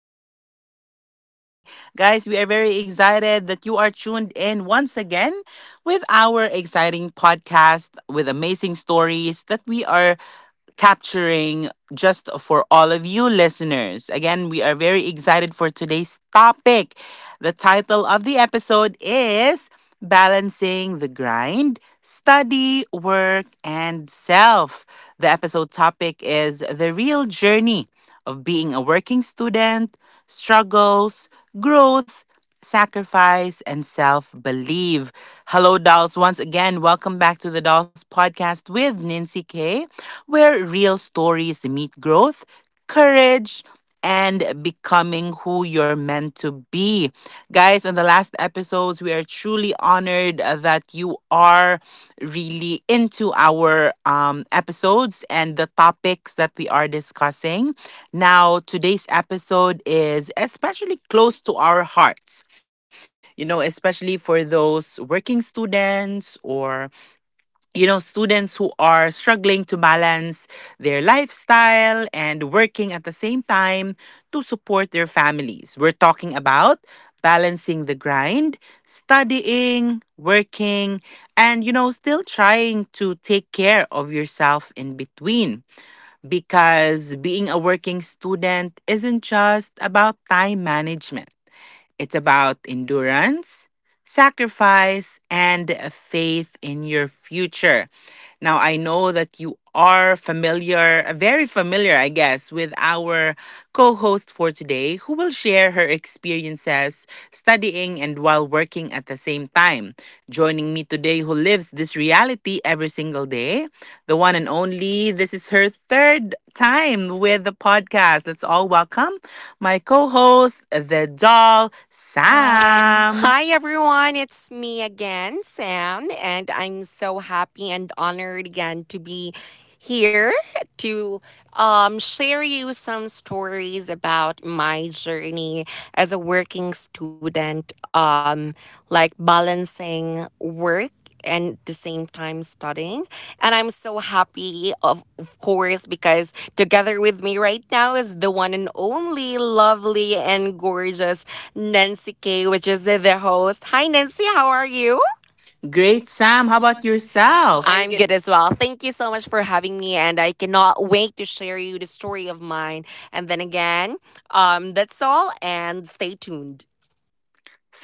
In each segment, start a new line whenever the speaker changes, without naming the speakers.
with Nancy K. Guys, we are very excited that you are tuned in once again with our exciting podcast with amazing stories that we are capturing just for all of you listeners. Again, we are very excited for today's topic. The title of the episode is balancing the grind, study, work, and self. The episode topic is the real journey of being a working student, struggles, growth, sacrifice, and self believe. Hello, dolls. Once again, welcome back to the Dolls Podcast with Nancy K, where real stories meet growth, courage, and becoming who you're meant to be. Guys, on the last episodes, we are truly honored that you are really into our episodes and the topics that we are discussing. Now, today's episode is especially close to our hearts, you know, especially for those working students or you know, students who are struggling to balance their lifestyle and working at the same time to support their families. We're talking about balancing the grind, studying, working, and, you know, still trying to take care of yourself in between. Because being a working student isn't just about time management, it's about endurance, sacrifice, and faith in your future. Now, I know that you are familiar, very familiar, I guess, with our co host for today, who will share her experiences studying and while working at the same time. Joining me today, who lives this reality every single day, the one and only. This is her third time with the podcast. Let's all welcome my co host, the doll, Sam.
Hi everyone, it's me again, Sam, and I'm so happy and honored again to be here to share you some stories about my journey as a working student, like balancing work and at the same time studying. And I'm so happy, of course, because together with me right now is the one and only lovely and gorgeous Nancy K, which is the host. Hi, Nancy. How are you?
Great,
Great,
Sam.
Sam.
How
How
about
about yourself?
yourself? I'm
I'm
good.
good as well. Thank you so much for having me, and I cannot wait to share you the story of mine. And then again, that's all, and stay tuned.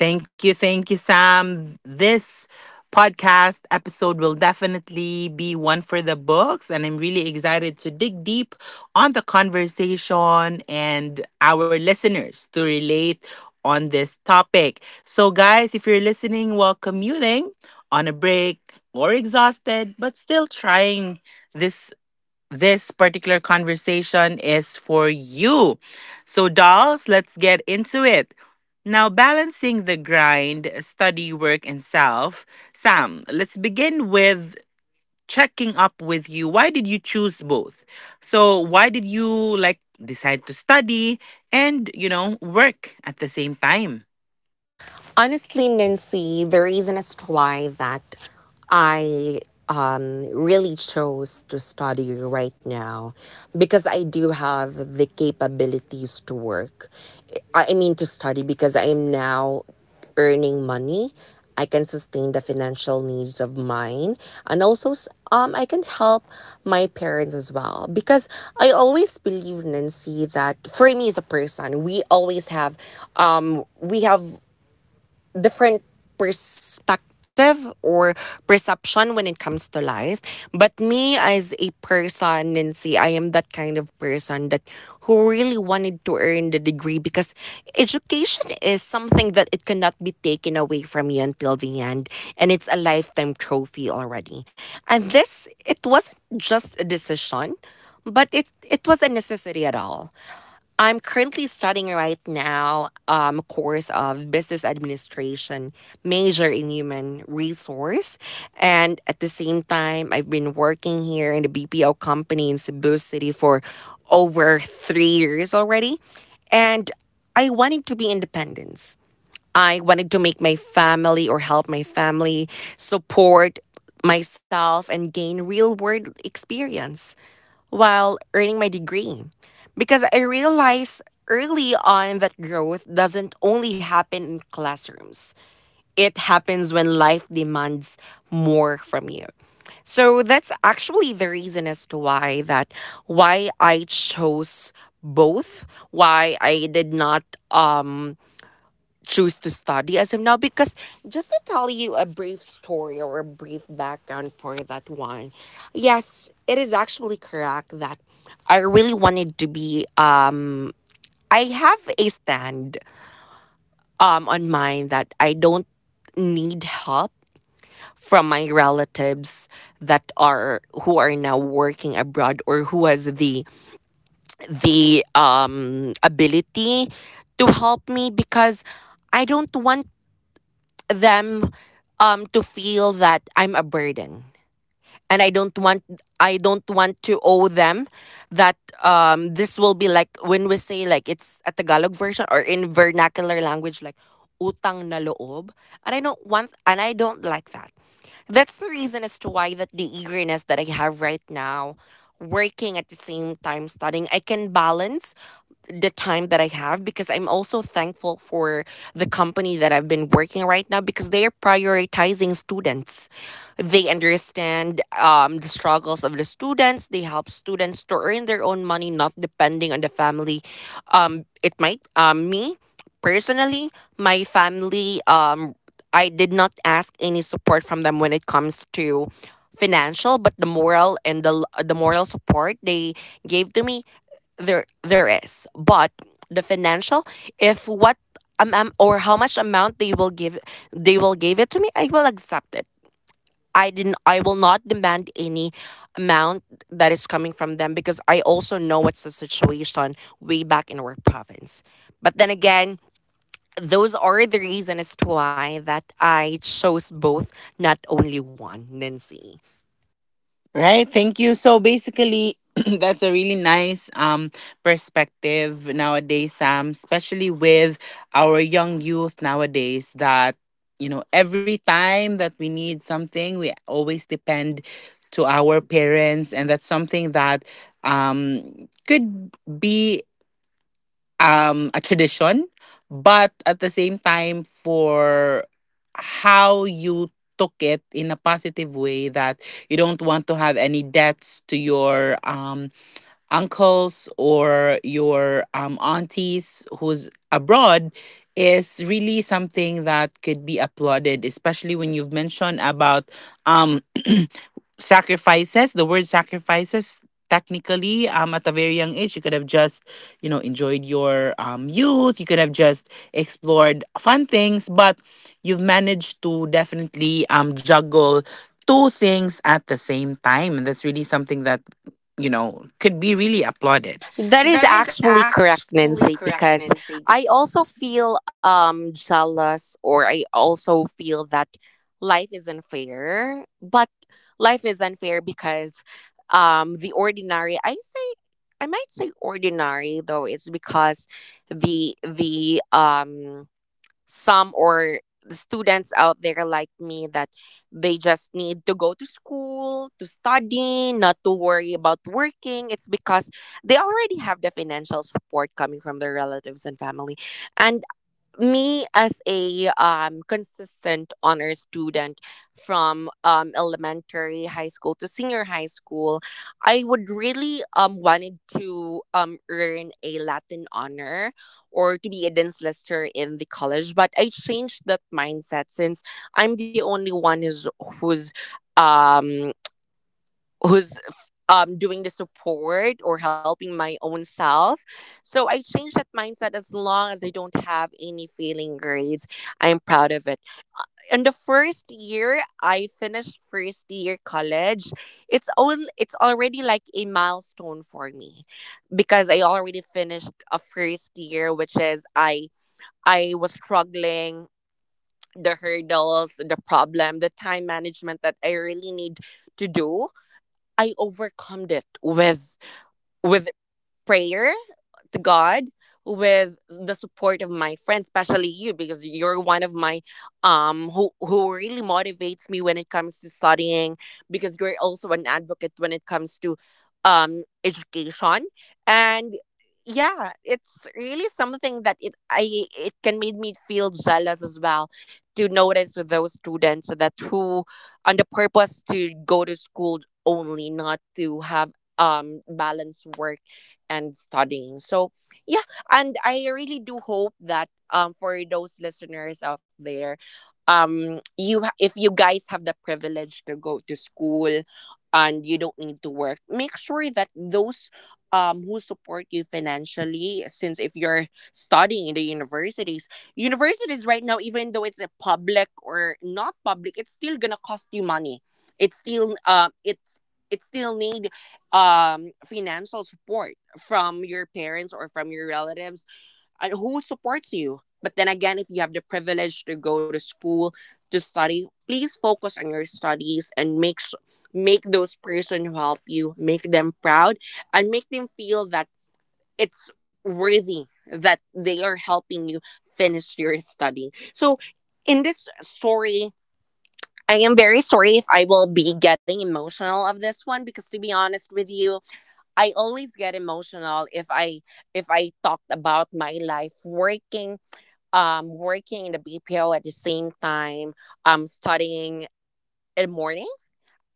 Thank you, Sam. This podcast episode will definitely be one for the books, and I'm really excited to dig deep on the conversation and our listeners to relate on this topic. So, guys, if you're listening while commuting, on a break, or exhausted, but still trying, this this particular conversation is for you. So, dolls, let's get into it. Now, balancing the grind, study, work, and self. Sam, let's begin with checking up with you. Why did you choose both? So, why did you like decide to study and, you know, work at the same time?
Honestly, Nancy, the reason as to why that I really chose to study right now because I do have the capabilities to work. I mean, to study because I am now earning money. I can sustain the financial needs of mine, and also I can help my parents as well. Because I always believe, Nancy, that for me as a person, we always have we have different perspective or perception when it comes to life. But me as a person, Nancy, I am that kind of person that who really wanted to earn the degree because education is something that it cannot be taken away from you until the end, and it's a lifetime trophy already. And this, it wasn't just a decision, but it was a necessity at all. I'm currently studying right now course of business administration, major in human resource, and at the same time I've been working here in the BPO company in Cebu City for over 3 years already, and I wanted to be independence. I wanted to make my family or help my family support myself and gain real world experience while earning my degree. Because I realized early on that growth doesn't only happen in classrooms, it happens when life demands more from you. So that's actually the reason as to why that why I chose both, why I did not um choose to study as of now, because just to tell you a brief story or a brief background for that one, yes, it is actually correct that I really wanted to be, I have a stand on mine that I don't need help from my relatives that are who are now working abroad or who has the ability to help me because I don't want them to feel that I'm a burden, and I don't want, I don't want to owe them that, this will be like when we say like it's a Tagalog version or in vernacular language like utang na loob, and I don't want and I don't like that. That's the reason as to why that the eagerness that I have right now, working at the same time studying, I can balance the time that I have because I'm also thankful for the company that I've been working right now because they are prioritizing students. They understand the struggles of the students. They help students to earn their own money, not depending on the family. It might me personally, my family. I did not ask any support from them when it comes to financial, but the moral, and the moral support they gave to me, there is, but the financial, if what, or how much amount they will give, they will give it to me, I will accept it. I will not demand any amount that is coming from them because I also know what's the situation way back in our province. But then again, those are the reasons as to why that I chose both, not only one, Nancy.
Right. Thank you. So basically, that's a really nice perspective nowadays, Sam, especially with our young youth nowadays that you know, every time that we need something, we always depend to our parents, and that's something that could be a tradition, but at the same time, for how you took it in a positive way, that you don't want to have any debts to your uncles or your aunties who's abroad is really something that could be applauded, especially when you've mentioned about um, sacrifices, the word sacrifices. Technically, at a very young age, you could have just, you know, enjoyed your youth. You could have just explored fun things, but you've managed to definitely juggle two things at the same time. And that's really something that, you know, could be really applauded.
That
That
is
is
actually
actually
correct,
correct,
Nancy,
Nancy.
because I also feel jealous, or I also feel that life is unfair. But life is unfair because the ordinary, I say, I might say ordinary though, it's because the some or the students out there like me that they just need to go to school to study, not to worry about working, it's because they already have the financial support coming from their relatives and family. And me as a consistent honor student from elementary, high school to senior high school, I would really wanted to earn a Latin honor or to be a dance lister in the college, but I changed that mindset since I'm the only one who's um who's doing the support or helping my own self. So I changed that mindset. As long as I don't have any failing grades, I'm proud of it. In the first year, I finished first year college. It's all, it's already like a milestone for me because I already finished a first year, which is I was struggling the hurdles, the problem, the time management that I really need to do. I overcome it with prayer to God, with the support of my friends, especially you, because you're one of my, who really motivates me when it comes to studying, because you're also an advocate when it comes to education. And yeah, it's really something that it can make me feel jealous as well to notice with those students that who on the purpose to go to school only, not to have balanced work and studying. So yeah, and I really do hope that for those listeners out there, if you guys have the privilege to go to school and you don't need to work, make sure that those who support you financially, since if you're studying in the universities right now, even though it's a public or not public, it's still gonna cost you money. It's still it still need financial support from your parents or from your relatives and who supports you. But then again, if you have the privilege to go to school to study, please focus on your studies and make those person who help you, make them proud and make them feel that it's worthy that they are helping you finish your study. So in this story, I am very sorry if I will be getting emotional of this one, because to be honest with you, I always get emotional if I talked about my life working, working in the BPO at the same time studying in the morning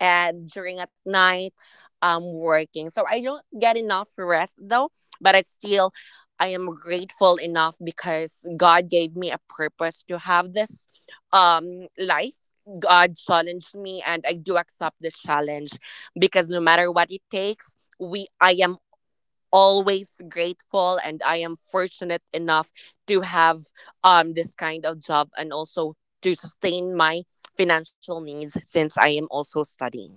and during at night working. So I don't get enough rest though, but I still, I am grateful enough because God gave me a purpose to have this life. God challenged me and I do accept the challenge because no matter what it takes, we I am always grateful, and I am fortunate enough to have this kind of job, and also to sustain my financial needs since I am also studying.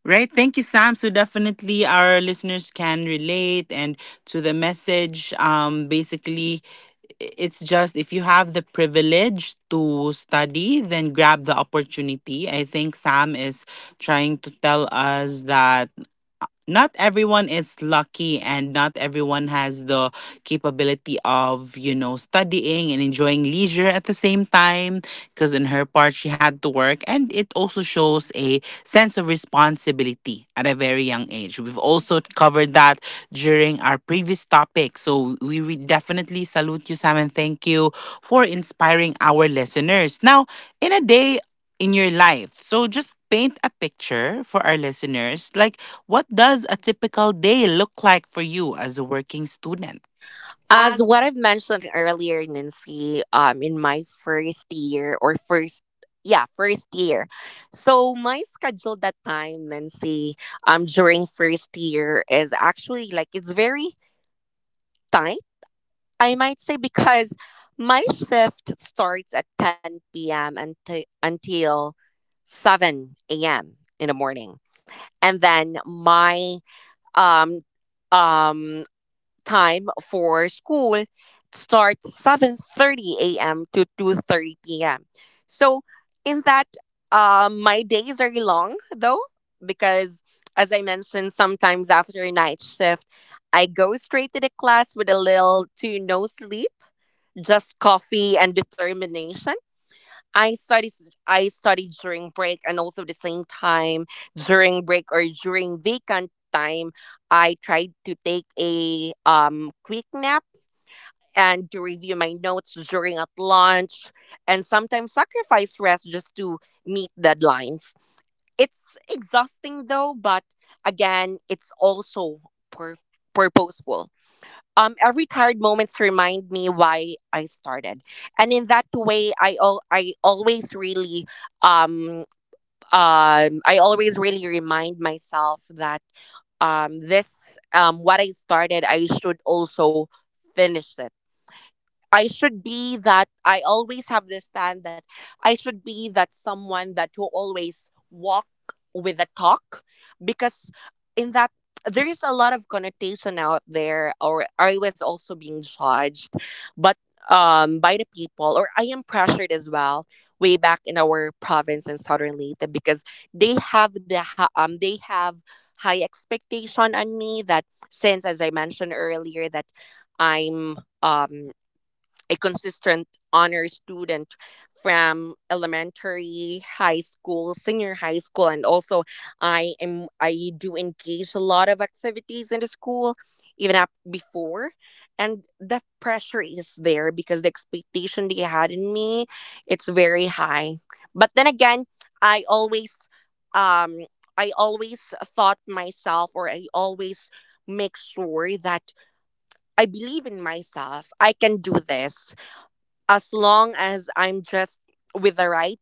Right. Thank you, Sam. So definitely our listeners can relate and to the message. Basically, it's just if you have the privilege to study, then grab the opportunity. I think Sam is trying to tell us that not everyone is lucky and not everyone has the capability of, you know, studying and enjoying leisure at the same time, because in her part she had to work, and it also shows a sense of responsibility at a very young age. We've also covered that during our previous topic, so we definitely salute you, Sam, and thank you for inspiring our listeners. Now, in a day in your life, so just paint a picture for our listeners like what does a typical day look like for you as a working student?
As
As
what I've mentioned earlier, Nancy, in my first year or first, yeah, first year. So my schedule that time, Nancy, during first year is actually like it's very tight, I might say, because my shift starts at 10 p.m. until 7 a.m. in the morning, and then my um um time for school starts 7:30 a.m. to 2:30 p.m. So in that my days are long though because, as I mentioned, sometimes after a night shift I go straight to the class with a little to no sleep, just coffee and determination. I studied I studied during break, and also the same time during break or during vacant time I tried to take a quick nap and to review my notes during at lunch, and sometimes sacrifice rest just to meet deadlines. It's exhausting though, but again, it's also pur- purposeful. Every tired moments remind me why I started. And in that way, um I always really remind myself that this what I started, I should also finish it. I should be that, I always have this stand that I should be that someone that will always walk with a talk, because in that there is a lot of connotation out there, or I was also being judged, but by the people, or I am pressured as well way back in our province in southern Leyte, because they have the they have high expectation on me that, since as I mentioned earlier, that I'm a consistent honor student from elementary, high school, senior high school, and also I do engage a lot of activities in the school, even up before, and that pressure is there because the expectation they had in me, it's very high. But then again, I always, um, I always thought myself, or I always make sure that I believe in myself. I can do this as long as I'm just with the right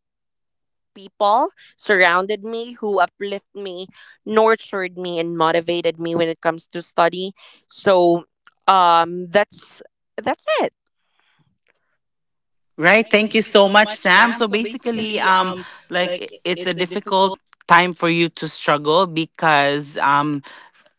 people surrounded me who uplift me, nurtured me, and motivated me when it comes to study. So um, that's that's it.
Right.
Right.
Thank you
Thank you
so
so
much,
much,
Sam.
Sam.
So
So
basically,
basically,
like,
like
it's a
it's a
difficult
difficult.
time for you to struggle because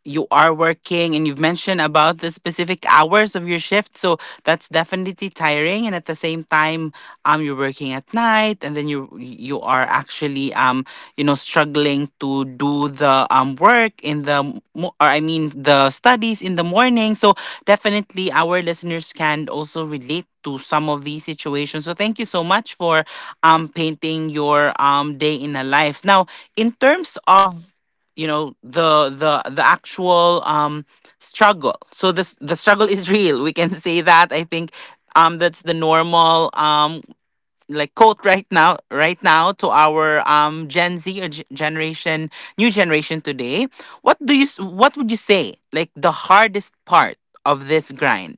you are working and you've mentioned about the specific hours of your shift, so that's definitely tiring. And at the same time, you're working at night, and then you are actually you know, struggling to do the work in the or I mean the studies in the morning. So definitely our listeners can also relate to some of these situations, so thank you so much for painting your day in a life. Now, in terms of, you know, the actual struggle, so this, the struggle is real, we can say that. I think that's the normal like quote right now, to our gen z or generation, new generation today. What do you what would you say like the hardest part of this grind?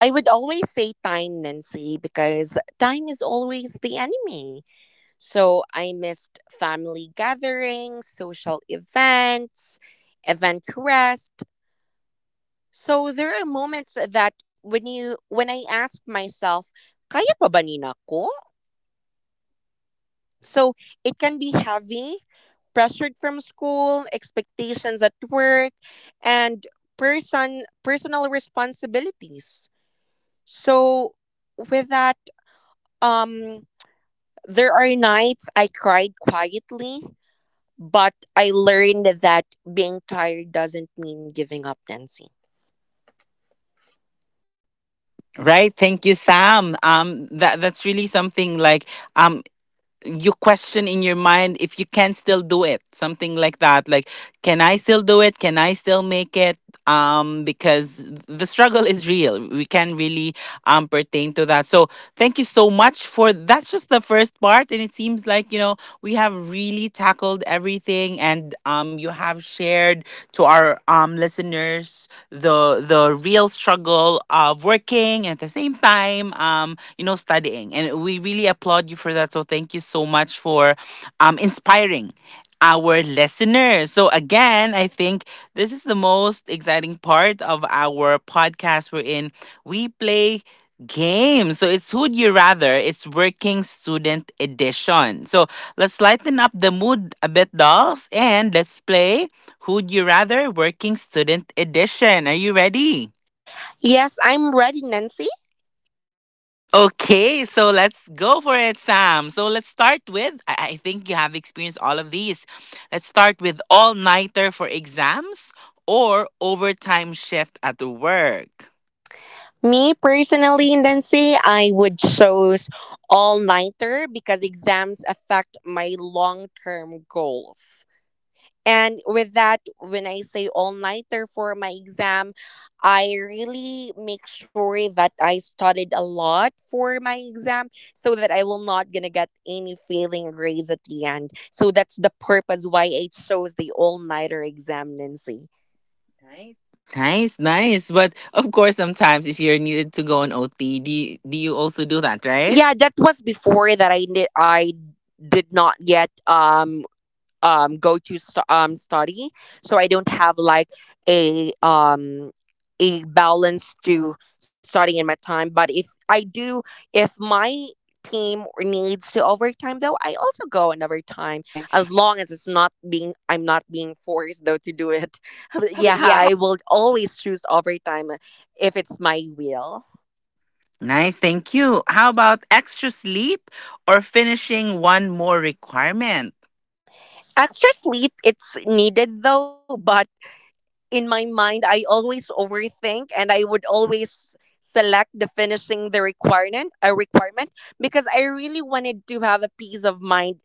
I would always say time, Nancy, because time is always the enemy. So I missed family gatherings, social events, event crest. So there are moments that when I ask myself, kaya pa ba nina nako? So it can be heavy, pressured from school, expectations at work, and personal responsibilities. So with that, um there are nights I cried quietly, but I learned that being tired doesn't mean giving up, Nancy.
Right, thank you, Sam. That's really something like um you question in your mind if you can still do it, something like that, like, can I still do it, can I still make it, because the struggle is real, we can really pertain to that. So thank you so much for That's just the first part, and it seems like, you know, we have really tackled everything, and you have shared to our listeners the real struggle of working and at the same time, you know, studying, and we really applaud you for that. So thank you so much for inspiring our listeners. So again, I think this is the most exciting part of our podcast wherein we play games. So it's Who'd You Rather? It's Working Student Edition. So let's lighten up the mood a bit, dolls, and let's play Who'd You Rather Working Student Edition. Are you ready?
Yes, I'm ready, Nancy.
Okay, so let's go for it, Sam. So let's start with, I think you have experienced all of these. Let's start with all nighter for exams or overtime shift at work.
Me personally, Nancy, I would choose all nighter because exams affect my long term goals. And with that, when I say all nighter for my exam, I really make sure that I studied a lot for my exam so that I will not gonna get any failing grades at the end. So that's the purpose why I chose the all nighter exam, Nancy. Nice.
Nice, nice. But of course, sometimes if you're needed to go on OT, do you also do that,
Yeah,
right?
that was
Yeah.
before that I did not get go to study, so I don't have like a um a balance to studying in my time. But if I do, if my team needs to overtime though, I also go in overtime
Time.
as long as it's not being I'm not being forced though to do it.
How
Yeah,
about? Yeah.
I will always choose overtime if it's my will.
Nice, thank you. How about extra sleep or finishing one more requirement?
Extra sleep it's needed though, but in my mind, I always overthink and I would always select the finishing the requirement a requirement because I really wanted to have a peace of mind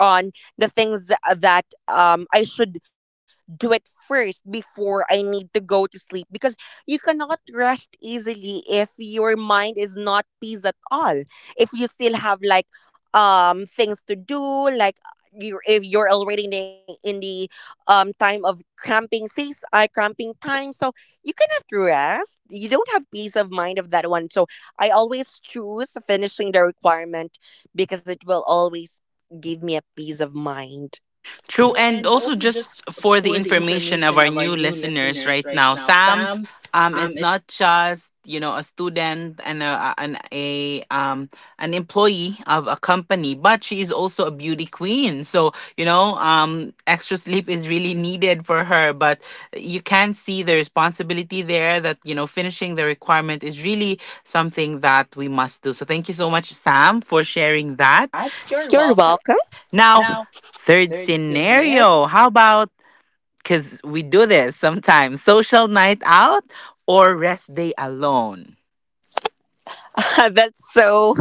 on the things that I should do it first before I need to go to sleep, because you cannot rest easily if your mind is not peace at all. If you still have like things to do, like you, if you're already in the time of cramping seas, cramping time, so you cannot rest, you don't have peace of mind of that one. So I always choose finishing the requirement because it will always give me a peace of mind.
True.
True.
And
And
also,
also,
just
just
for the
for the
information of
information
our
of our
new
new
listeners
listeners
right
right
now,
now,
Sam
Sam,
is
is
not just, you know, a student and a, um, an employee of a company, but she is also a beauty queen. So you know, um, extra sleep is really needed for her, but you can see the responsibility there, that, you know, finishing the requirement is really something that we must do. So thank you so much, Sam, for sharing that.
at.
You're
You're
welcome.
welcome.
Now,
Now
third
third scenario.
scenario, how about, because we do this sometimes, social night out or rest day alone?
That's so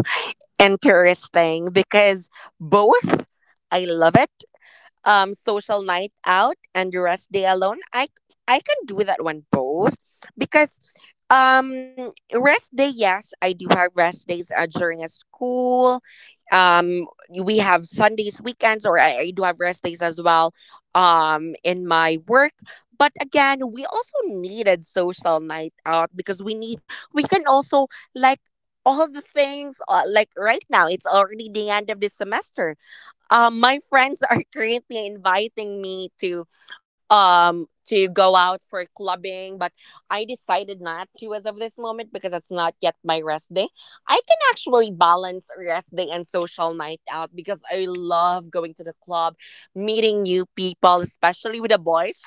interesting because both, I love it. Social night out and rest day alone. I can do that one both, because um, rest day, yes, I do have rest days during a school. Um, we have Sundays, weekends, or I do have rest days as well. In my work, but again, we also needed social night out because we can also like all the things like right now. It's already the end of the semester. Um, my friends are currently inviting me to go out for clubbing, but I decided not to as of this moment because it's not yet my rest day. I can actually balance rest day and social night out because I love going to the club, meeting new people, especially with the boys.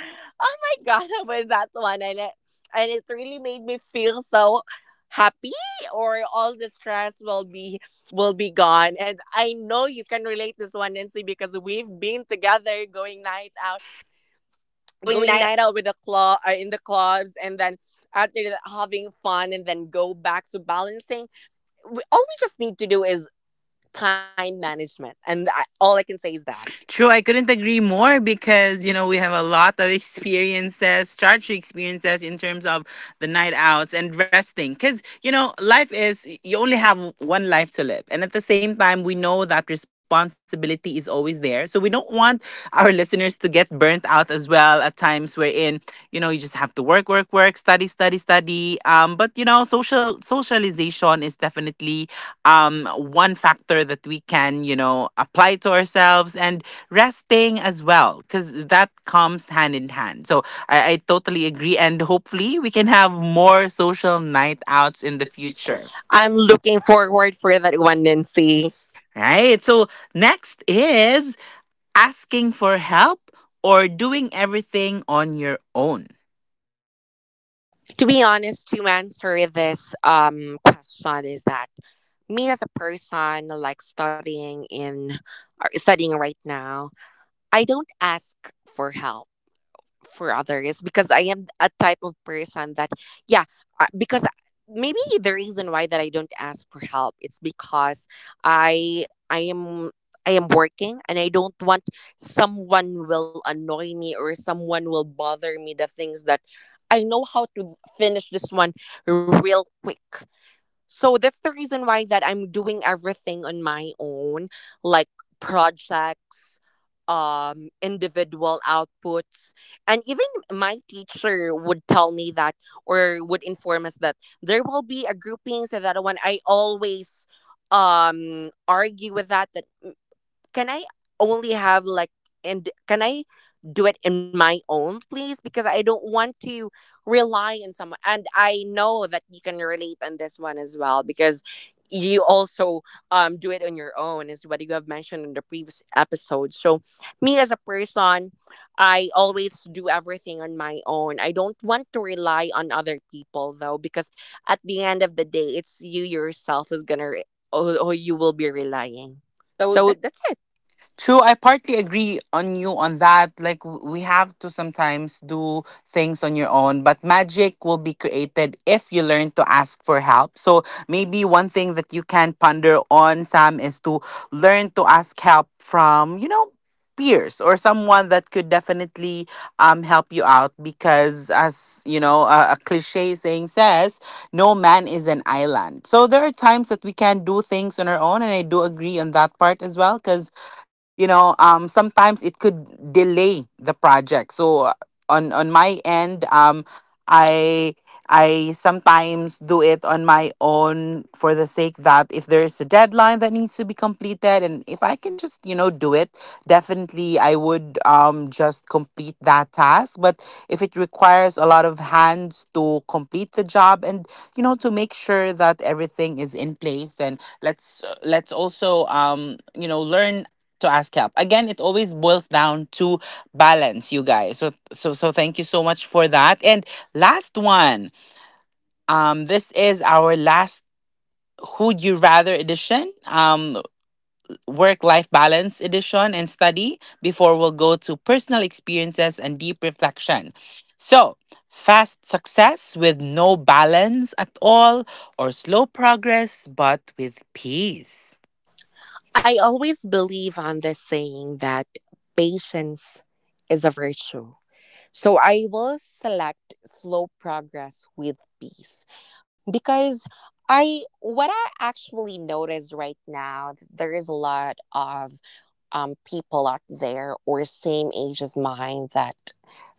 Oh my god, I was that one, and it really made me feel so happy, or all the stress will be gone. And I know you can relate this one, Nancy, because we've been together
Out going
going night out with the club, in the clubs, and then after that, having fun, and then go back to balancing. All we just need to do is time management, and all I can say is that.
True, I couldn't agree more, because you know we have a lot of experiences, charge experiences in terms of the night outs and resting. Because you know life is, you only have one life to live, and at the same time we know that responsibility is always there. So we don't want our listeners to get burnt out as well at times wherein, you know, you just have to work, work, work, study, study, study. But you know, socialization is definitely one factor that we can, you know, apply to ourselves, and resting as well, because that comes hand in hand. So I totally agree, and hopefully we can have more social night outs in
In the
the
future,
future. I'm
I'm looking forward for that one, Nancy.
right. So next is asking for help or doing everything on your own.
To be honest, to answer this question is that me as a person, like studying in, are studying right now, I don't ask for help for others, because I am a type of person that, yeah, uh, because I- maybe the reason why that I don't ask for help, it's because I I am I am working, and I don't want someone will annoy me or someone will bother me the things that I know how to finish this one real quick. So that's the reason why that I'm doing everything on my own, like projects, individual outputs. And even my teacher would tell me that or would inform us that there will be a groupings, and that one I always argue with that, that can I only have like, and can I do it in my own please, because I don't want to rely on someone. And I know that you can relate on this one as well because you also do it on your own is what you have mentioned in the previous episode. So me as a person, I always do everything on my own, I don't want to rely on other people though, because at the end of the day, it's you yourself who who you will be relying.
so
So that's it.
True, I partly agree on you on that. Like, we have to sometimes do things on your own, but magic will be created if you learn to ask for help. So maybe one thing that you can ponder on, Sam, is to learn to ask help from, you know, peers or someone that could definitely help you out. Because as you know, a cliche saying says no man is an island. So there are times that we can do things on our own, and I do agree on that part as well, because you know, um, sometimes it could delay the project. So on my end, um, i I sometimes do it on my own for the sake that if there is a deadline that needs to be completed and if I can just, you know, do it, definitely I would just complete that task. But if it requires a lot of hands to complete the job, and you know, to make sure that everything is in place, then let's also, um, you know, learn to ask help. Again, it always boils down to balance, you guys. So thank you so much for that. And last one. This is our last would you rather edition, work life balance edition and study before we'll go to personal experiences and deep reflection. So, fast success with no balance at all, or slow progress but with peace?
I always believe on this saying that patience is a virtue. So I will select slow progress with peace because I what I actually notice right now, there is a lot of people out there or same age as mine that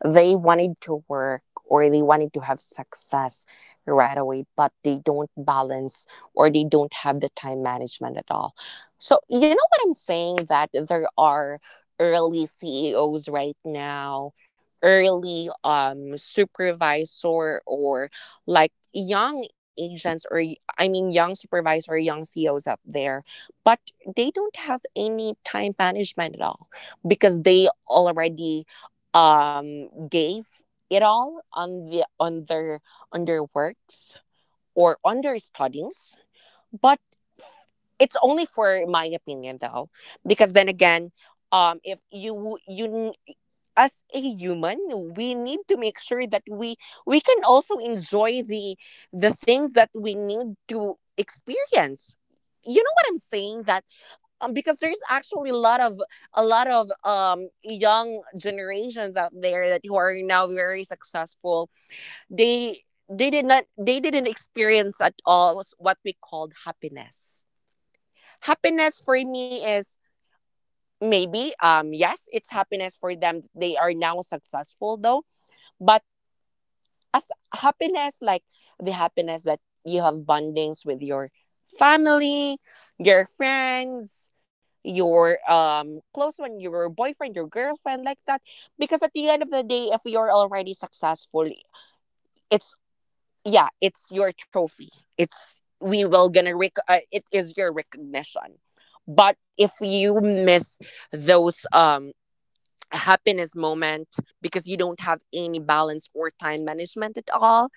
they wanted to work or they wanted to have success right away, but they don't balance or they don't have the time management at all. So you know what I'm saying, that there are early CEOs right now, early supervisor, or like young agents, or young supervisor, young ceos up there, but they don't have any time management at all, because they already gave it all on their on their works or on their studies. But it's only for my opinion though, because then again, if you n- as a human, we need to make sure that we can also enjoy the things that we need to experience. You know what I'm saying, that because there's actually a lot of young generations out there that who are now very successful. they they did not they didn't experience at all was what we called happiness. Happiness for me is maybe yes, it's happiness for them. They are now successful though, but as happiness, like the happiness that you have bondings with your family, your friends, your close one, your boyfriend, your girlfriend, like that. Because at the end of the day, if you're already successful, it's, yeah, it's your trophy, it's we will gonna rec- it is your recognition. But if you miss those happiness moment, because you don't have any balance or time management at all,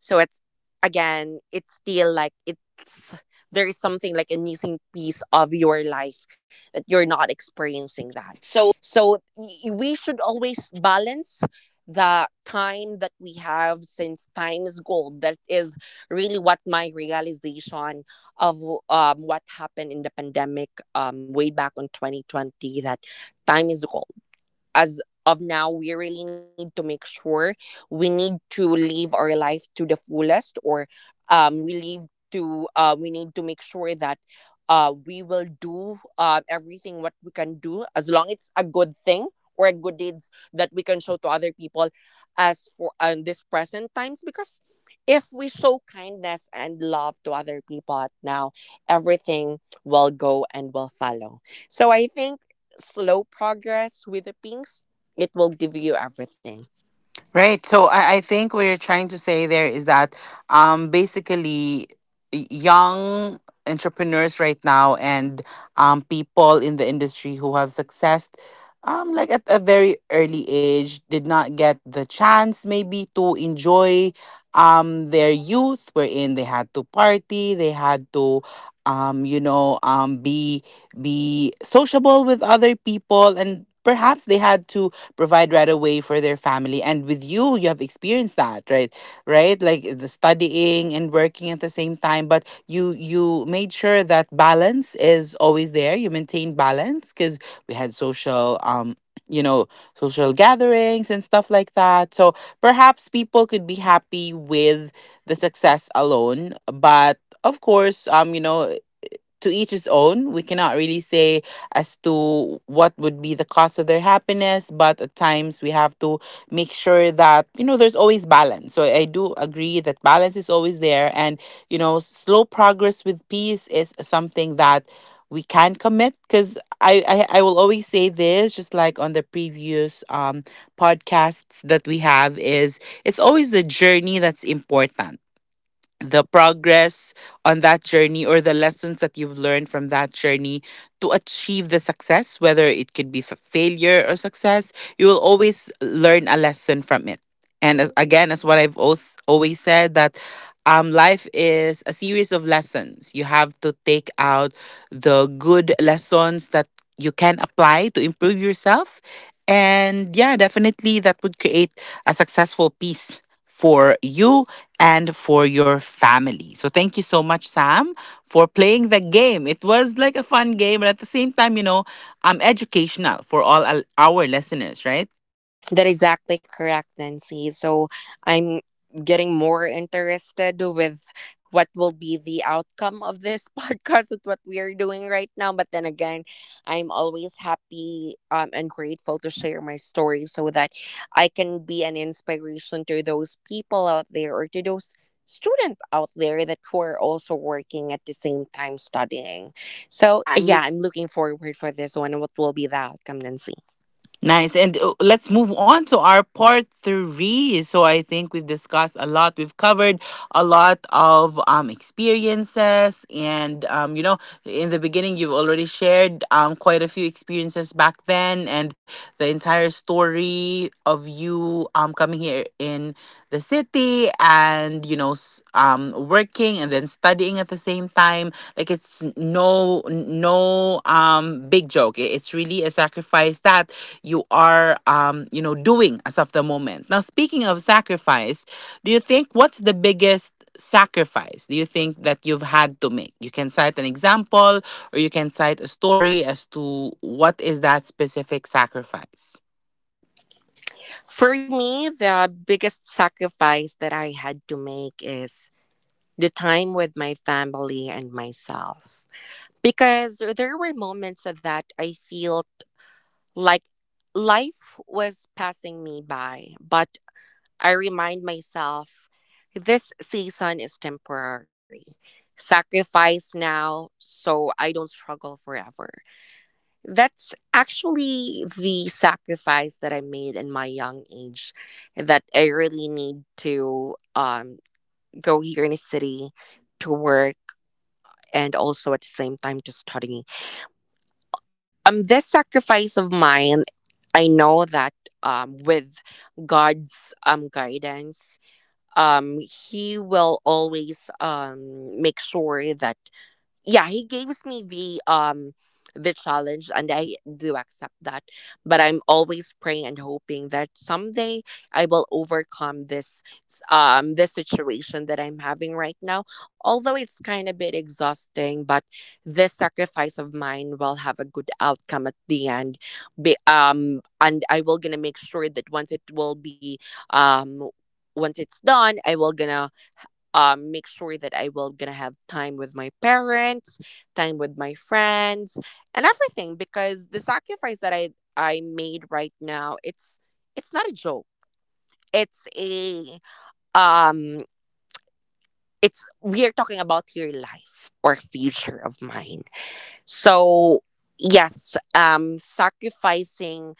so it's, again, it's still like, it's there is something like a missing piece of your life that you're not experiencing that.
So.
So we should always balance the time that we have, since time is gold. That is really what my realization of what happened in the pandemic, way back on 2020, that time is gold as of now. We really need to make sure we need to live our life to the fullest, or we live to we need to make sure that we will do everything what we can do, as long it's a good thing or a good deeds that we can show to other people as for this present times. Because if we show kindness and love to other people at now, everything will go and will follow. So I think slow progress with the pinks, it will give you everything.
Right. So I think what you're trying to say there is that basically young entrepreneurs right now and people in the industry who have success, like at a very early age, did not get the chance maybe to enjoy their youth, wherein they had to party, they had to um, you know um, be be sociable with other people, and perhaps they had to provide right away for their family. And with you, you have experienced that, right? Right? Like the studying and working at the same time, but you made sure that balance is always there. You maintain balance because we had social you know social gatherings and stuff like that, so perhaps people could be happy with the success alone, but of course, to each his own. We cannot really say as to what would be the cost of their happiness, but at times we have to make sure that, you know, there's always balance. So I do agree that balance is always there. And, you know, slow progress with peace is something that we can commit, because I will always say this, just like on the previous podcasts that we have, is it's always the journey that's important, the progress on that journey, or the lessons that you've learned from that journey to achieve the success. Whether it could be failure or success, you will always learn a lesson from it. And as, again, as what I've always, always said, that life is a series of lessons. You have to take out the good lessons that you can apply to improve yourself. And yeah, definitely that would create a successful piece for you and for your family. So thank you so much, Sam, for playing the game. It was like a fun game, but at the same time, you know, educational for all our listeners, right?
That is exactly correct, Nancy. So I'm getting more interested with what will be the outcome of this podcast and what we are doing right now. But then again, I'm always happy and grateful to share my story so that I can be an inspiration to those people out there, or to those students out there that were also working at the same time studying. So
Yeah,
yeah,
I'm
I'm looking forward for this one. What will be the outcome, Nancy?
nice. And let's move on to our part three. So I think we've discussed a lot. We've covered a lot of experiences. And, you know, in the beginning, you've already shared quite a few experiences back then, and the entire story of you coming here in the city and, you know, working and then studying at the same time. Like it's no big joke. It- It's really a sacrifice that you are, you know, doing as of the moment. Now, speaking of sacrifice, do you think, what's the biggest sacrifice, do you think, that you've had to make? You can cite an example, or you can cite a story as to what is that specific sacrifice.
For me, the biggest sacrifice that I had to make is the time with my family and myself. Because there were moments that I felt like life was passing me by, but I remind myself, this season is temporary. Sacrifice now so I don't struggle forever. That's actually the sacrifice that I made in my young age, that I really need to go here in the city to work and also at the same time to study. This sacrifice of mine, I know that with God's guidance, he will always make sure that, yeah, he gives me the challenge and I do accept that, but I'm always praying and hoping that someday I will overcome this this situation that I'm having right now. Although it's kind of bit exhausting, but this sacrifice of mine will have a good outcome at the end. And I will gonna make sure that once it will be, um once it's done, I will gonna make sure that I will gonna have time with my parents, time with my friends, and everything. Because the sacrifice that I made right now, it's not a joke. It's a, um it's, we are talking about your life or future of mine. So yes, sacrificing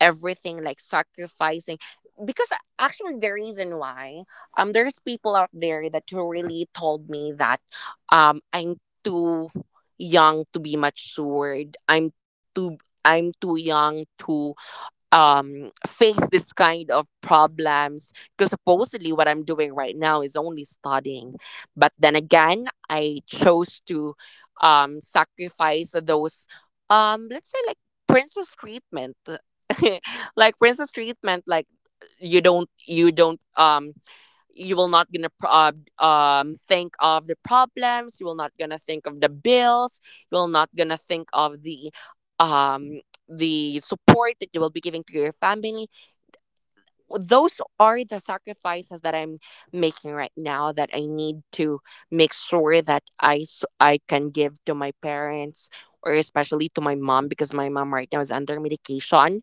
everything, like sacrificing, because actually the reason why, there's people out there that who really told me that I'm too young to be matured. I'm too young to face this kind of problems, because supposedly what I'm doing right now is only studying. But then again, I chose to sacrifice those, let's say like princess treatment, like princess treatment, like you don't you will not gonna think of the problems, you will not gonna think of the bills, you will not gonna think of um the support that you will be giving to your family. Those are the sacrifices that I'm making right now, that I need to make sure that I can give to my parents, or especially to my mom, because my mom right now is under medication.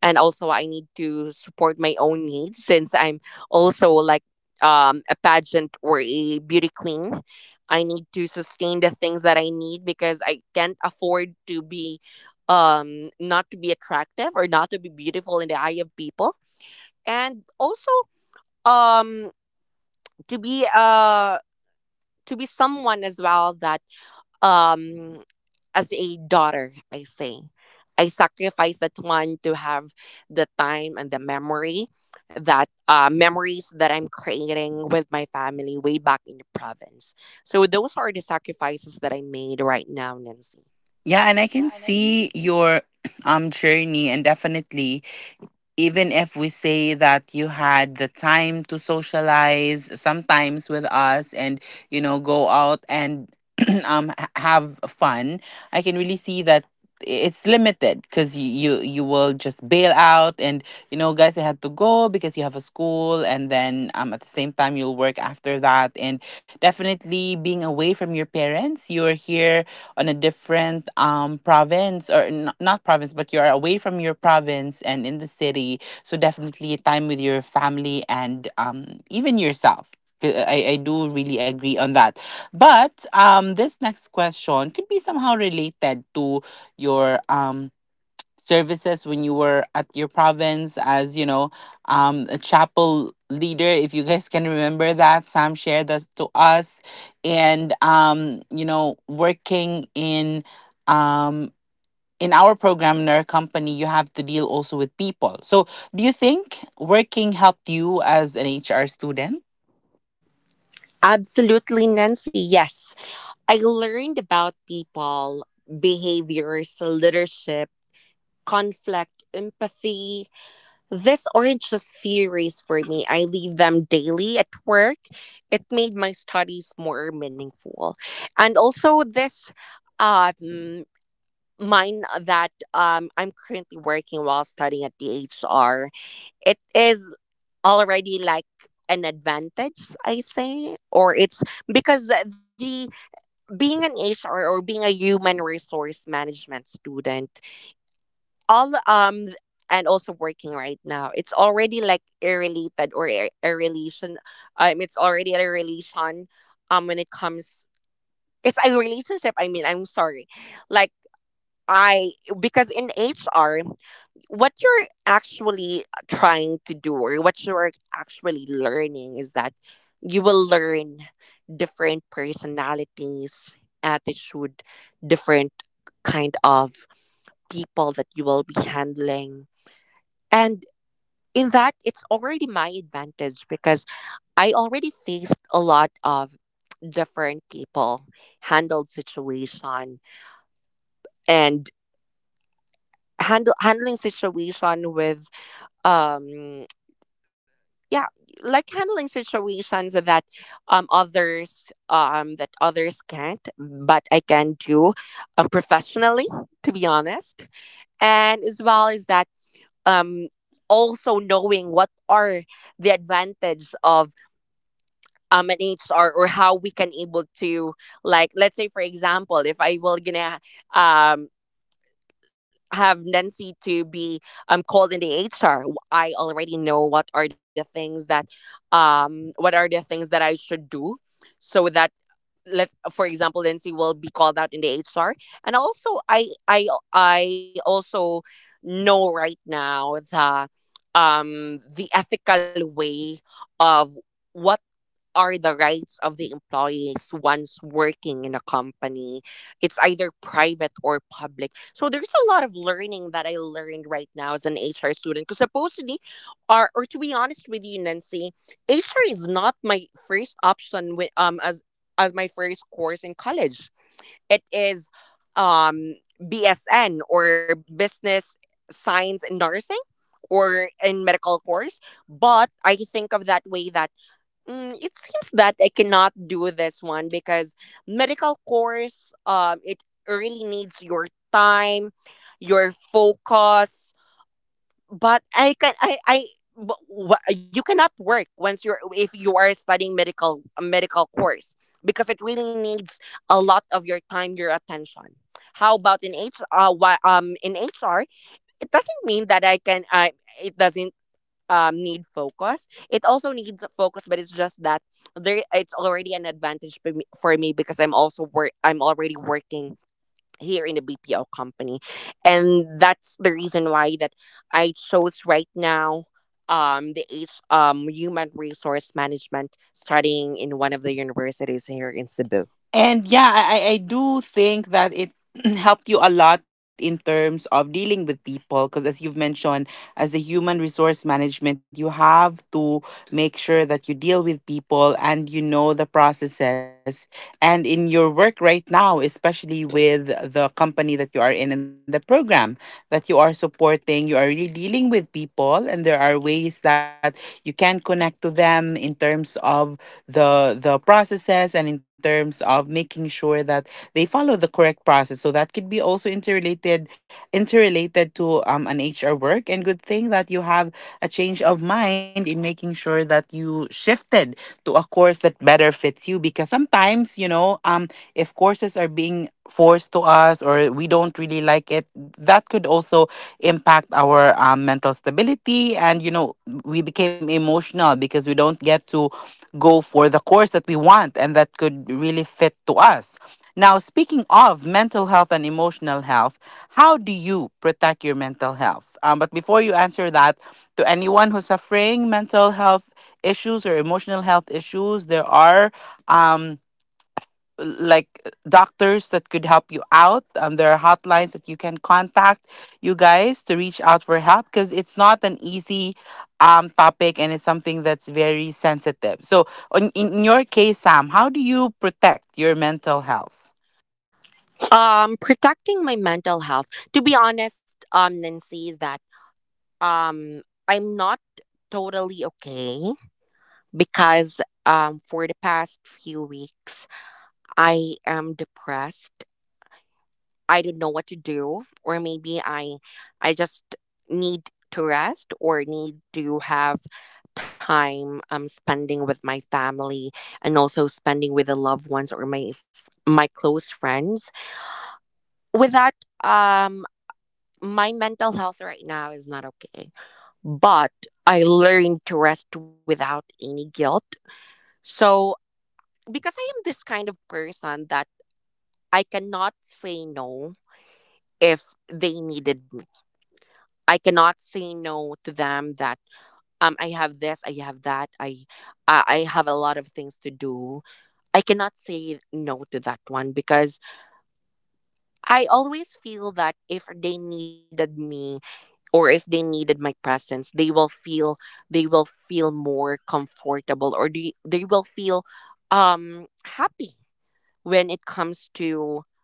And also I need to support my own needs, since I'm also like, a pageant or a beauty queen. I need to sustain the things that I need, because I can't afford to be not to be attractive or not to be beautiful in the eye of people. And also, um to be uh to be someone as well that, um as a daughter, I say, I sacrifice that one to have the time and the memory that memories that I'm creating with my family way back in the province. So those are the sacrifices that I made right now, Nancy.
Yeah, and I can
Yeah, and I can.
see your journey, and definitely, even if we say that you had the time to socialize sometimes with us and, you know, go out and have fun, I can really see that it's limited, because you will just bail out and, you know, guys, I had to go, because you have a school, and then at the same time you'll work after that. And definitely being away from your parents, you're here on a different province, or not province, but you're away from your province and in the city. So definitely time with your family and even yourself. I do really agree on that, but this next question could be somehow related to your services when you were at your province, as you know, a chapel leader, if you guys can remember that Sam shared that to us. And you know, working um in our program, in our company, you have to deal also with people. So do you think working helped you as an HR student?
Absolutely, Nancy. Yes. I learned about people, behaviors, leadership, conflict, empathy. These aren't just theories for me. I leave them daily at work. It made my studies more meaningful. And also, this um, mine that, I'm currently working while studying at the HR, it is already like an advantage, I say, or it's, because the being an HR or being a human resource management student, all and also working right now, it's already like irrelated, or a relation, it's already a relation when it comes, it's a relationship, I mean, I'm sorry, like, I, because in HR, what you're actually trying to do or what you're actually learning is that you will learn different personalities, attitude, different kind of people that you will be handling. And in that, it's already my advantage, because I already faced a lot of different people, handled situation, and handle handling situation with, um yeah, like handling situations that others, that others can't but I can do, professionally, to be honest. And as well as that, um also knowing what are the advantage of an HR, or how we can able to, like let's say for example, if I will gonna um have Nancy to be called in the HR, I already know what are the things that, what are the things that I should do, so that, let's for example Nancy will be called out in the HR. And also I I also know right now the ethical way of what are the rights of the employees once working in a company. It's either private or public. So there's a lot of learning that I learned right now as an HR student. Because supposedly, or to be honest with you, Nancy, HR is not my first option, with, as my first course in college. It is, um, BSN or Business Science in Nursing, or in medical course. But I think of that way that, mm, it seems that I cannot do this one, because medical course, it really needs your time, your focus. But I can, but you cannot work once you're, if you are studying medical, a medical course, because it really needs a lot of your time, your attention. How about in HR? Why, in HR, it doesn't mean that I can. I It doesn't need focus. It also needs focus, but it's just that there, it's already an advantage for me, because I'm already working here in a BPO company. And that's the reason why that I chose right now the H human resource management, studying in one of the universities here in Cebu.
And yeah, I I do think that it helped you a lot in terms of dealing with people, because as you've mentioned, as a human resource management, you have to make sure that you deal with people and you know the processes. And in your work right now, especially with the company that you are in and the program that you are supporting, you are really dealing with people, and there are ways that you can connect to them in terms of the processes, and in terms of making sure that they follow the correct process. So that could be also interrelated interrelated to, an HR work. And good thing that you have a change of mind in making sure that you shifted to a course that better fits you, because sometimes, you know, if courses are being forced to us or we don't really like it, that could also impact our, mental stability, and you know, we became emotional because we don't get to go for the course that we want and that could really fit to us. Now, speaking of mental health and emotional health, how do you protect your mental health? But before you answer that, to anyone who's suffering mental health issues or emotional health issues, there are. Um, like doctors that could help you out. There are hotlines that you can contact, you guys, to reach out for help, because it's not an easy topic, and it's something that's very sensitive. So, in your case, Sam, how do you protect your mental health?
Protecting my mental health. To be honest, Nancy, is that, um, I'm not totally okay, because, for the past few weeks, I am depressed. I don't know what to do, or maybe I just need to rest, or need to have time spending with my family, and also spending with the loved ones, or my close friends. With that, um my mental health right now is not okay, but I learned to rest without any guilt. So, because I am this kind of person that I cannot say no if they needed me. I cannot say no to them that, I have this, I have that, I have a lot of things to do. I cannot say no to that one, because I always feel that if they needed me, or if they needed my presence, they will feel, they will feel more comfortable, or they will feel um happy, when it comes to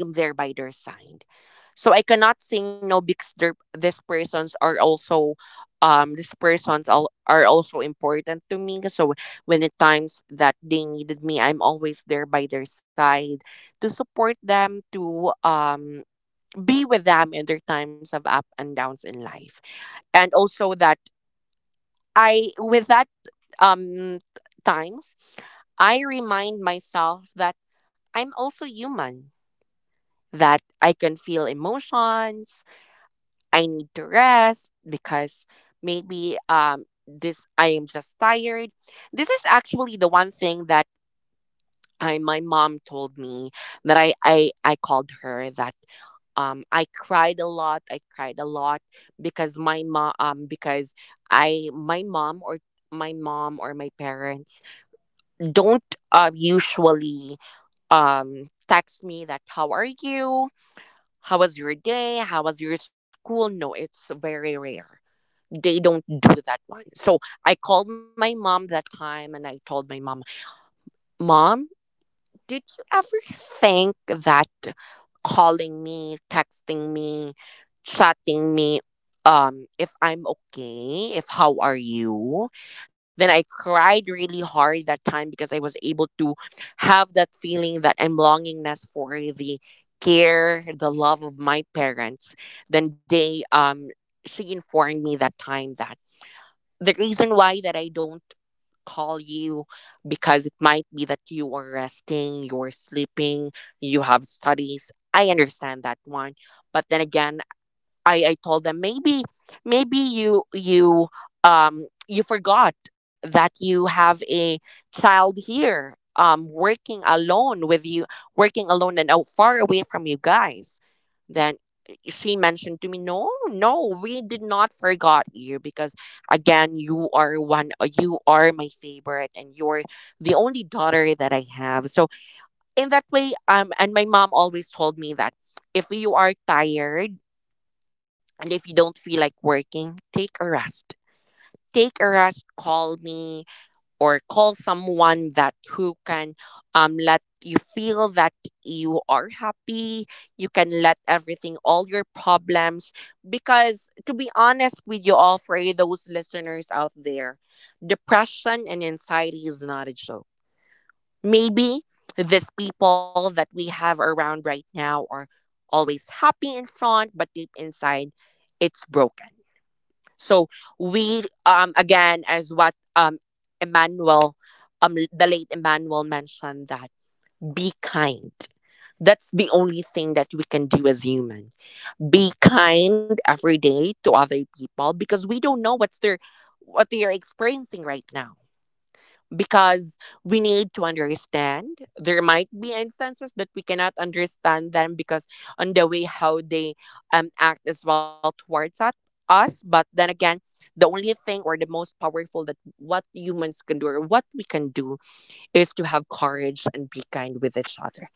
I am there by their side. So I cannot say no, because these persons are also, these persons are also important to me. So when it times that they needed me, I'm always there by their side to support them, to be with them in their times of up and downs in life. And also that I with that um times, I remind myself that I'm also human, that I can feel emotions. I need to rest, because maybe this, I am just tired. This is actually the one thing that I my mom told me, that I called her, that, I cried a lot. I cried a lot, because my mom, because I my mom, or my parents don't usually text me that, how are you? How was your day? How was your school? No, it's very rare. They don't do that one. So I called my mom that time and I told my mom, Mom, did you ever think that calling me, texting me, chatting me, if I'm okay, if how are you? Then I cried really hard that time, because I was able to have that feeling that I'm longingness for the care, the love of my parents. Then they she informed me that time that the reason why that I don't call you, because it might be that you are resting, you're sleeping, you have studies. I understand that one. But then again, I told them maybe, you you forgot that you have a child here working alone with you, working alone and out far away from you guys. Then she mentioned to me, "No, no, we did not forgot you, because again, you are one, you are my favorite, and you're the only daughter that I have." So in that way, and my mom always told me that if you are tired and if you don't feel like working, take a rest. Take a rest. Call me, or call someone that who can, let you feel that you are happy, you can let everything, all your problems. Because to be honest with you all, for those listeners out there, depression and anxiety is not a joke. Maybe these people that we have around right now are always happy in front, but deep inside it's broken. So we, again, as what Emmanuel, the late Emmanuel mentioned, that be kind. That's the only thing that we can do as human. Be kind every day to other people, because we don't know what's their, what they are experiencing right now. Because we need to understand. There might be instances that we cannot understand them, because on the way how they act as well towards at us. But then again, the only thing, or the most powerful that what humans can do, or what we can do, is to have courage and be kind with each other.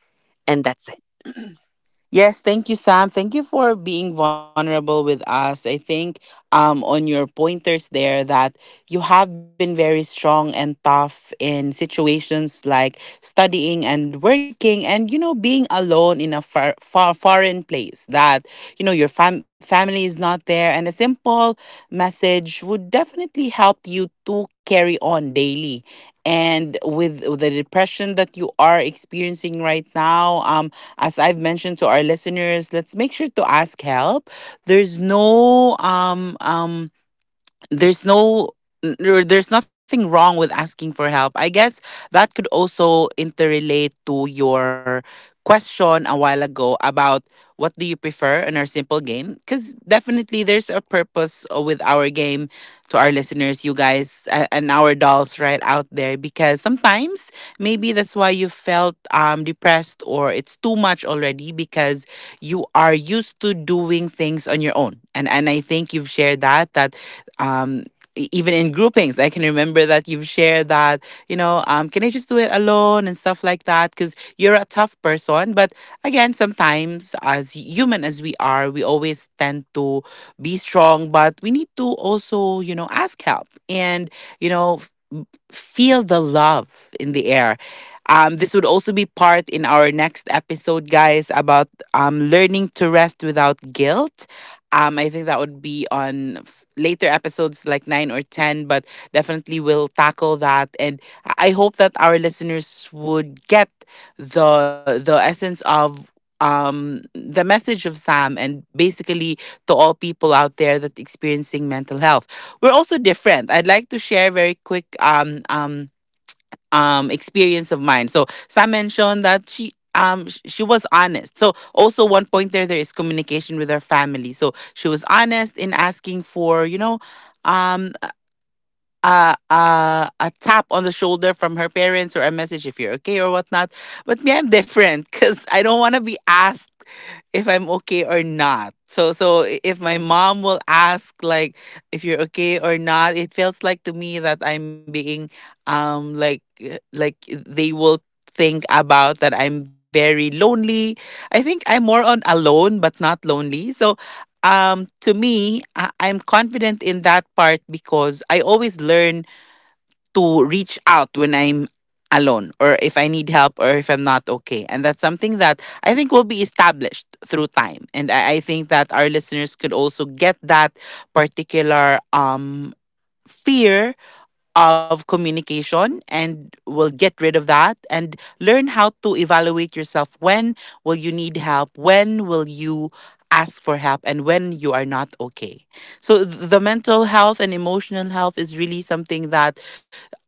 And that's it.
Yes, thank you, Sam. Thank you for being vulnerable with us. I think on your pointers there, that you have been very strong and tough in situations like studying and working and, you know, being alone in a far, far foreign place, that, you know, your family is not there. And a simple message would definitely help you to carry on daily. And with the depression that you are experiencing right now, as I've mentioned to our listeners, let's make sure to ask help. There's no um um there's no n- there- there's nothing wrong with asking for help. I guess that could also interrelate to your question a while ago about what do you prefer in our simple game? Because definitely there's a purpose with our game to our listeners, you guys, and our dolls right out there. Because sometimes, maybe that's why you felt, depressed, or it's too much already, because you are used to doing things on your own. And I think you've shared that, that um, even in groupings, I can remember that you've shared that, you know, can I just do it alone and stuff like that? Because you're a tough person. But again, sometimes as human as we are, we always tend to be strong, but we need to also, you know, ask help and, you know, feel the love in the air. This would also be part in our next episode, guys, about learning to rest without guilt. I think that would be on later episodes like nine or 10, but definitely we'll tackle that. And I hope that our listeners would get the essence of the message of Sam, and basically, to all people out there that experiencing mental health, we're also different. I'd like to share very quick experience of mine. So Sam mentioned that she she was honest. So also one point there, there is communication with her family. So she was honest in asking for, you know, um a tap on the shoulder from her parents, or a message if you're okay or whatnot. But me, I'm different because I don't want to be asked if I'm okay or not. So if my mom will ask like if you're okay or not, it feels like to me that I'm being, like eh, they will think about that I'm very lonely. I think I'm more on alone but not lonely. So to me, I'm confident in that part, because I always learn to reach out when I'm alone, or if I need help, or if I'm not okay. And that's something that I think will be established through time. And I think that our listeners could also get that particular fear of communication and will get rid of that and learn how to evaluate yourself: when will you need help, when will you ask for help, and when you are not okay. So the mental health and emotional health is really something that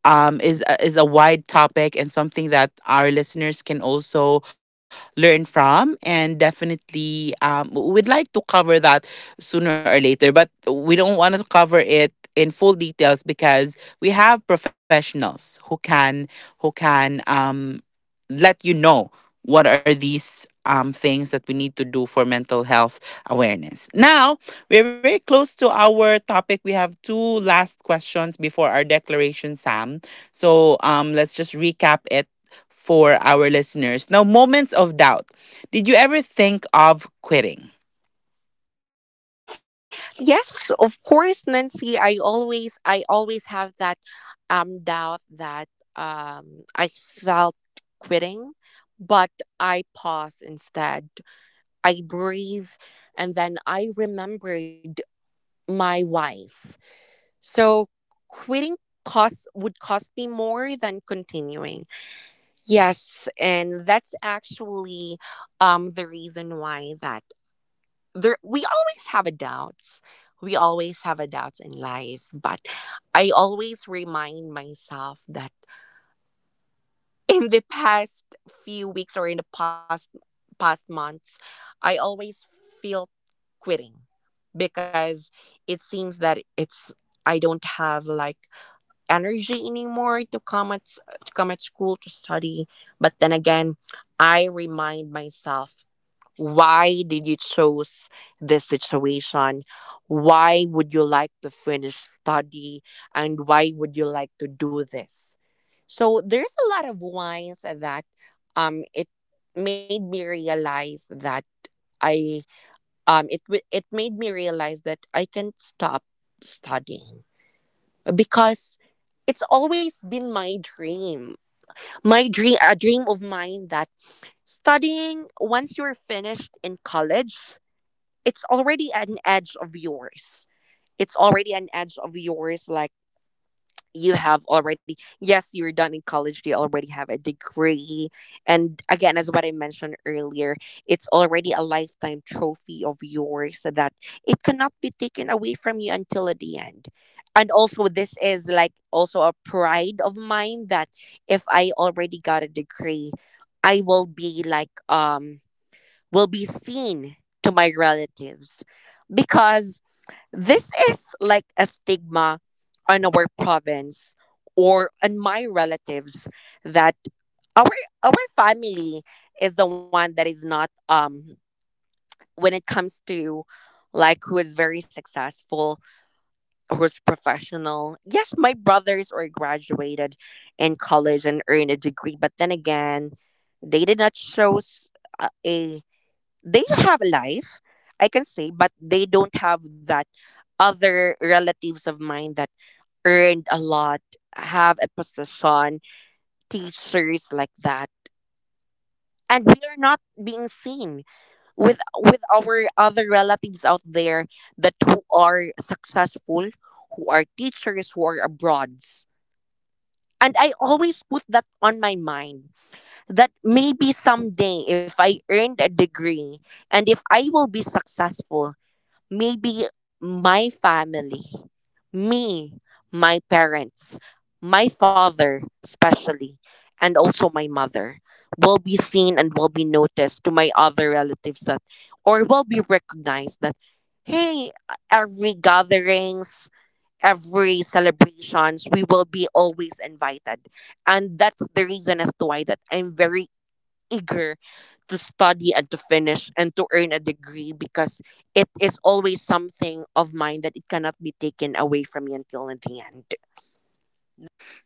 is a wide topic and something that our listeners can also learn from, and definitely we'd like to cover that sooner or later. But we don't want to cover it in full details because we have professionals who can who can um, let you know what are these things that we need to do for mental health awareness. Now, we're very close to our topic. We have two last questions before our declaration, Sam. So, let's just recap it for our listeners. Now, moments of doubt. Did you ever think of quitting?
Yes, of course, Nancy. I always have that doubt that I felt quitting, but I paused instead. I breathe and then I remembered my wise, so quitting cost would cost me more than continuing. Yes, and that's actually the reason why that there we always have a doubts. We always have a doubts in life, but I always remind myself that in the past few weeks or in the past months, I always feel quitting because it seems that it's I don't have like energy anymore to come at to come at school to study, but then again, I remind myself, why did you choose this situation, why would you like to finish study, and why would you like to do this? So there's a lot of whys that it made me realize that I it made me realize that I can stop studying because it's always been my dream. My dream, a dream of mine that studying once you're finished in college, it's already an edge of yours. It's already an edge of yours, like you have already, yes, you're done in college, you already have a degree. And again, as what I mentioned earlier, it's already a lifetime trophy of yours, so that it cannot be taken away from you until the end. And also this is like also a pride of mine that if I already got a degree, I will be like will be seen to my relatives because this is like a stigma on our province or on my relatives that our our family is the one that is not when it comes to like who is very successful, who's professional. Yes, my brothers are graduated in college and earned a degree, but then again, they did not show a a- they have a life, I can say, but they don't have that other relatives of mine that earned a lot, have a position, teachers like that. And we are not being seen with our other relatives out there that who are successful, who are teachers, who are abroads. And I always put that on my mind that maybe someday if I earned a degree and if I will be successful, maybe my family, me, my parents, my father, especially, and also my mother, will be seen and will be noticed to my other relatives that, or will be recognized that, hey, every gatherings, every celebrations, we will be always invited. And that's the reason as to why that I'm very eager to study and to finish and to earn a degree because it is always something of mine that it cannot be taken away from me until the end.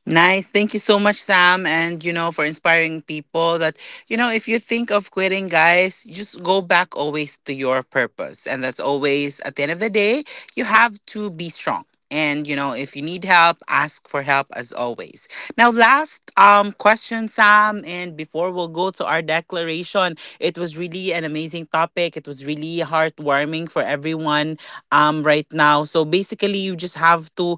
Nice. Thank you so much, Sam, and for inspiring people that if you think of quitting, guys, just go back always to your purpose. And that's always at the end of the day, you have to be strong. And if you need help, ask for help as always. Now, last question, Sam, and before we'll go to our declaration, it was really an amazing topic. It was really heartwarming for everyone right now. So basically, you just have to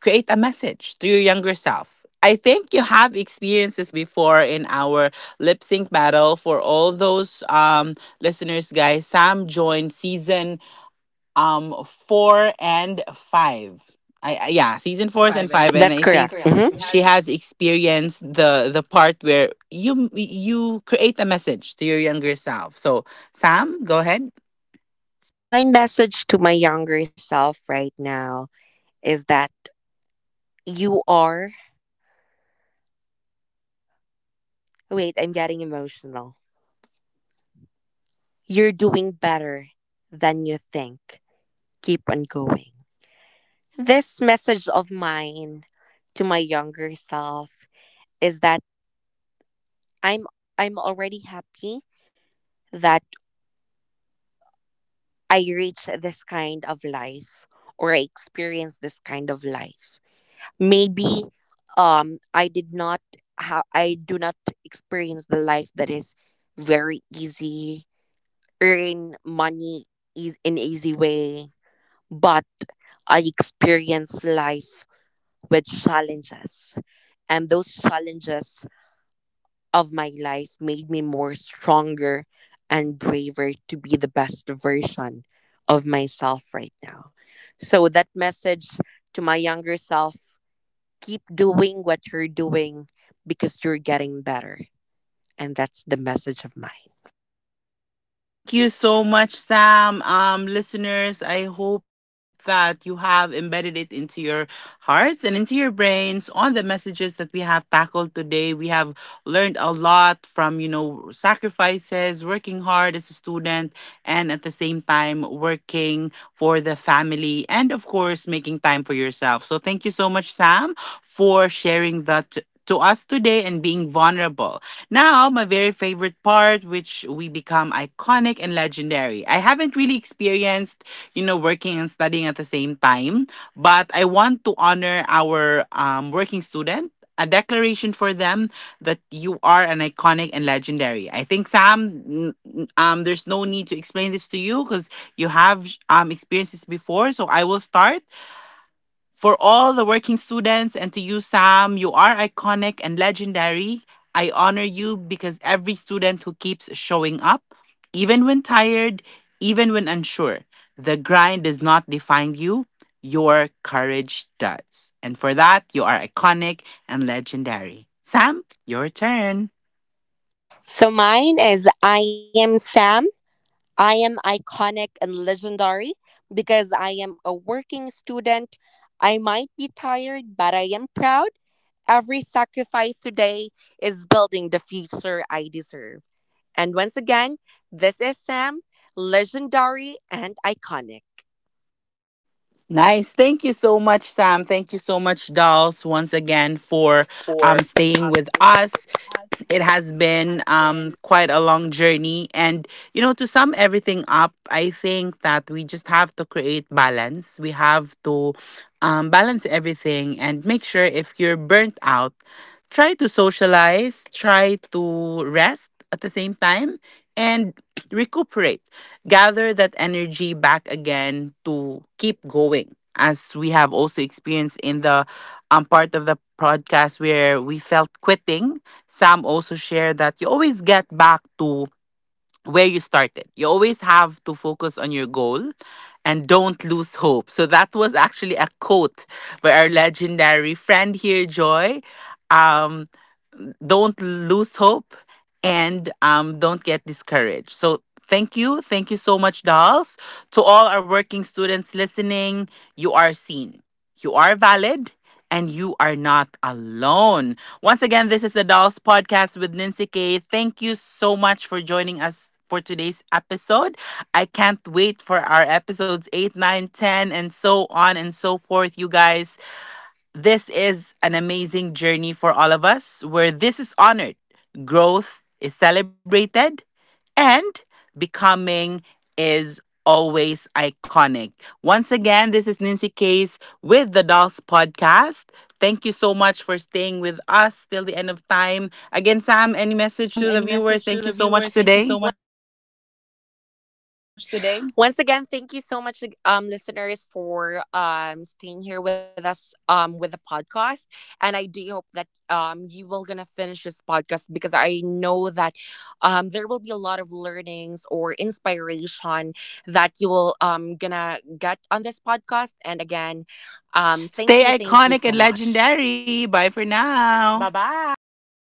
create a message to your younger self. I think you have experiences before in our lip sync battle. For all those listeners, guys, Sam joined season four and five. I, yeah, season four and five, and
That's
I. That's think
correct.
correct.
Mhm.
Mhm. She has experienced the part where you create a message to your younger self. So Sam, go ahead.
So, my message to my younger self right now is that you are. Wait, I'm getting emotional. You're doing better than you think. Keep on going. This message of mine to my younger self is that I'm I'm already happy that I reach this kind of life or I experience this kind of life. Maybe I did not I do not experience the life that is very easy, earn money is an easy way, but I experience life with challenges, and those challenges of my life made me more stronger and braver to be the best version of myself right now. So that message to my younger self, keep doing what you're doing because you're getting better. And that's the message of mine.
Thank you so much, Sam. Listeners, I hope that you have embedded it into your hearts and into your brains on the messages that we have tackled today. We have learned a lot from sacrifices, working hard as a student, and at the same time, working for the family, and of course, making time for yourself. So, thank you so much, Sam, for sharing that. To us today and being vulnerable. Now, my very favorite part, which we become iconic and legendary. I haven't really experienced working and studying at the same time, but I want to honor our working student. A declaration for them that you are an iconic and legendary. I think, Sam, there's no need to explain this to you because you have experienced this before. So I will start. For all the working students and to you, Sam, you are iconic and legendary. I honor you because every student who keeps showing up, even when tired, even when unsure, the grind does not define you, your courage does. And for that, you are iconic and legendary. Sam, your turn.
So mine is I am Sam, I am iconic and legendary because I am a working student. I might be tired, but I am proud. Every sacrifice today is building the future I deserve. And once again, this is Sam, legendary and iconic.
Nice. Thank you so much, Sam. Thank you so much, Dolls, once again for
And for
staying with
staying
us.
with us,
It has
it
been
has been
quite a long journey. And, to sum everything up, I think that we just have to create balance. We have to balance everything and make sure if you're burnt out, try to socialize, try to rest at the same time, and recuperate. Gather that energy back again to keep going. As we have also experienced in the part of the podcast where we felt quitting, Sam also shared that you always get back to where you started. You always have to focus on your goal and don't lose hope. So that was actually a quote by our legendary friend here, Joy. Um, don't lose hope and don't get discouraged. So thank you. Thank you so much, dolls. To all our working students listening, you are seen. You are valid and you are not alone. Once again, this is the Dolls Podcast with Nancy Kay. Thank you so much for joining us for today's episode. I can't wait for our episodes 8, 9, 10, and so on and so forth, you guys. This is an amazing journey for all of us where this is honored, growth is celebrated, and becoming is always iconic. Once again, this is Nancy Case with the Dolls Podcast. Thank you so much for staying with us till the end of time. Again, Sam, any message to the viewers? Thank you
the
so much
viewers. Thank you
today.
so much today. Once again, thank you so much, listeners, for staying here with us with the podcast. And I do hope that you will gonna finish this podcast because I know that there will be a lot of learnings or inspiration that you will gonna get on this podcast. And again, thank you so
Stay
much.
iconic and legendary. Bye for now. Bye
Bye
bye.
bye.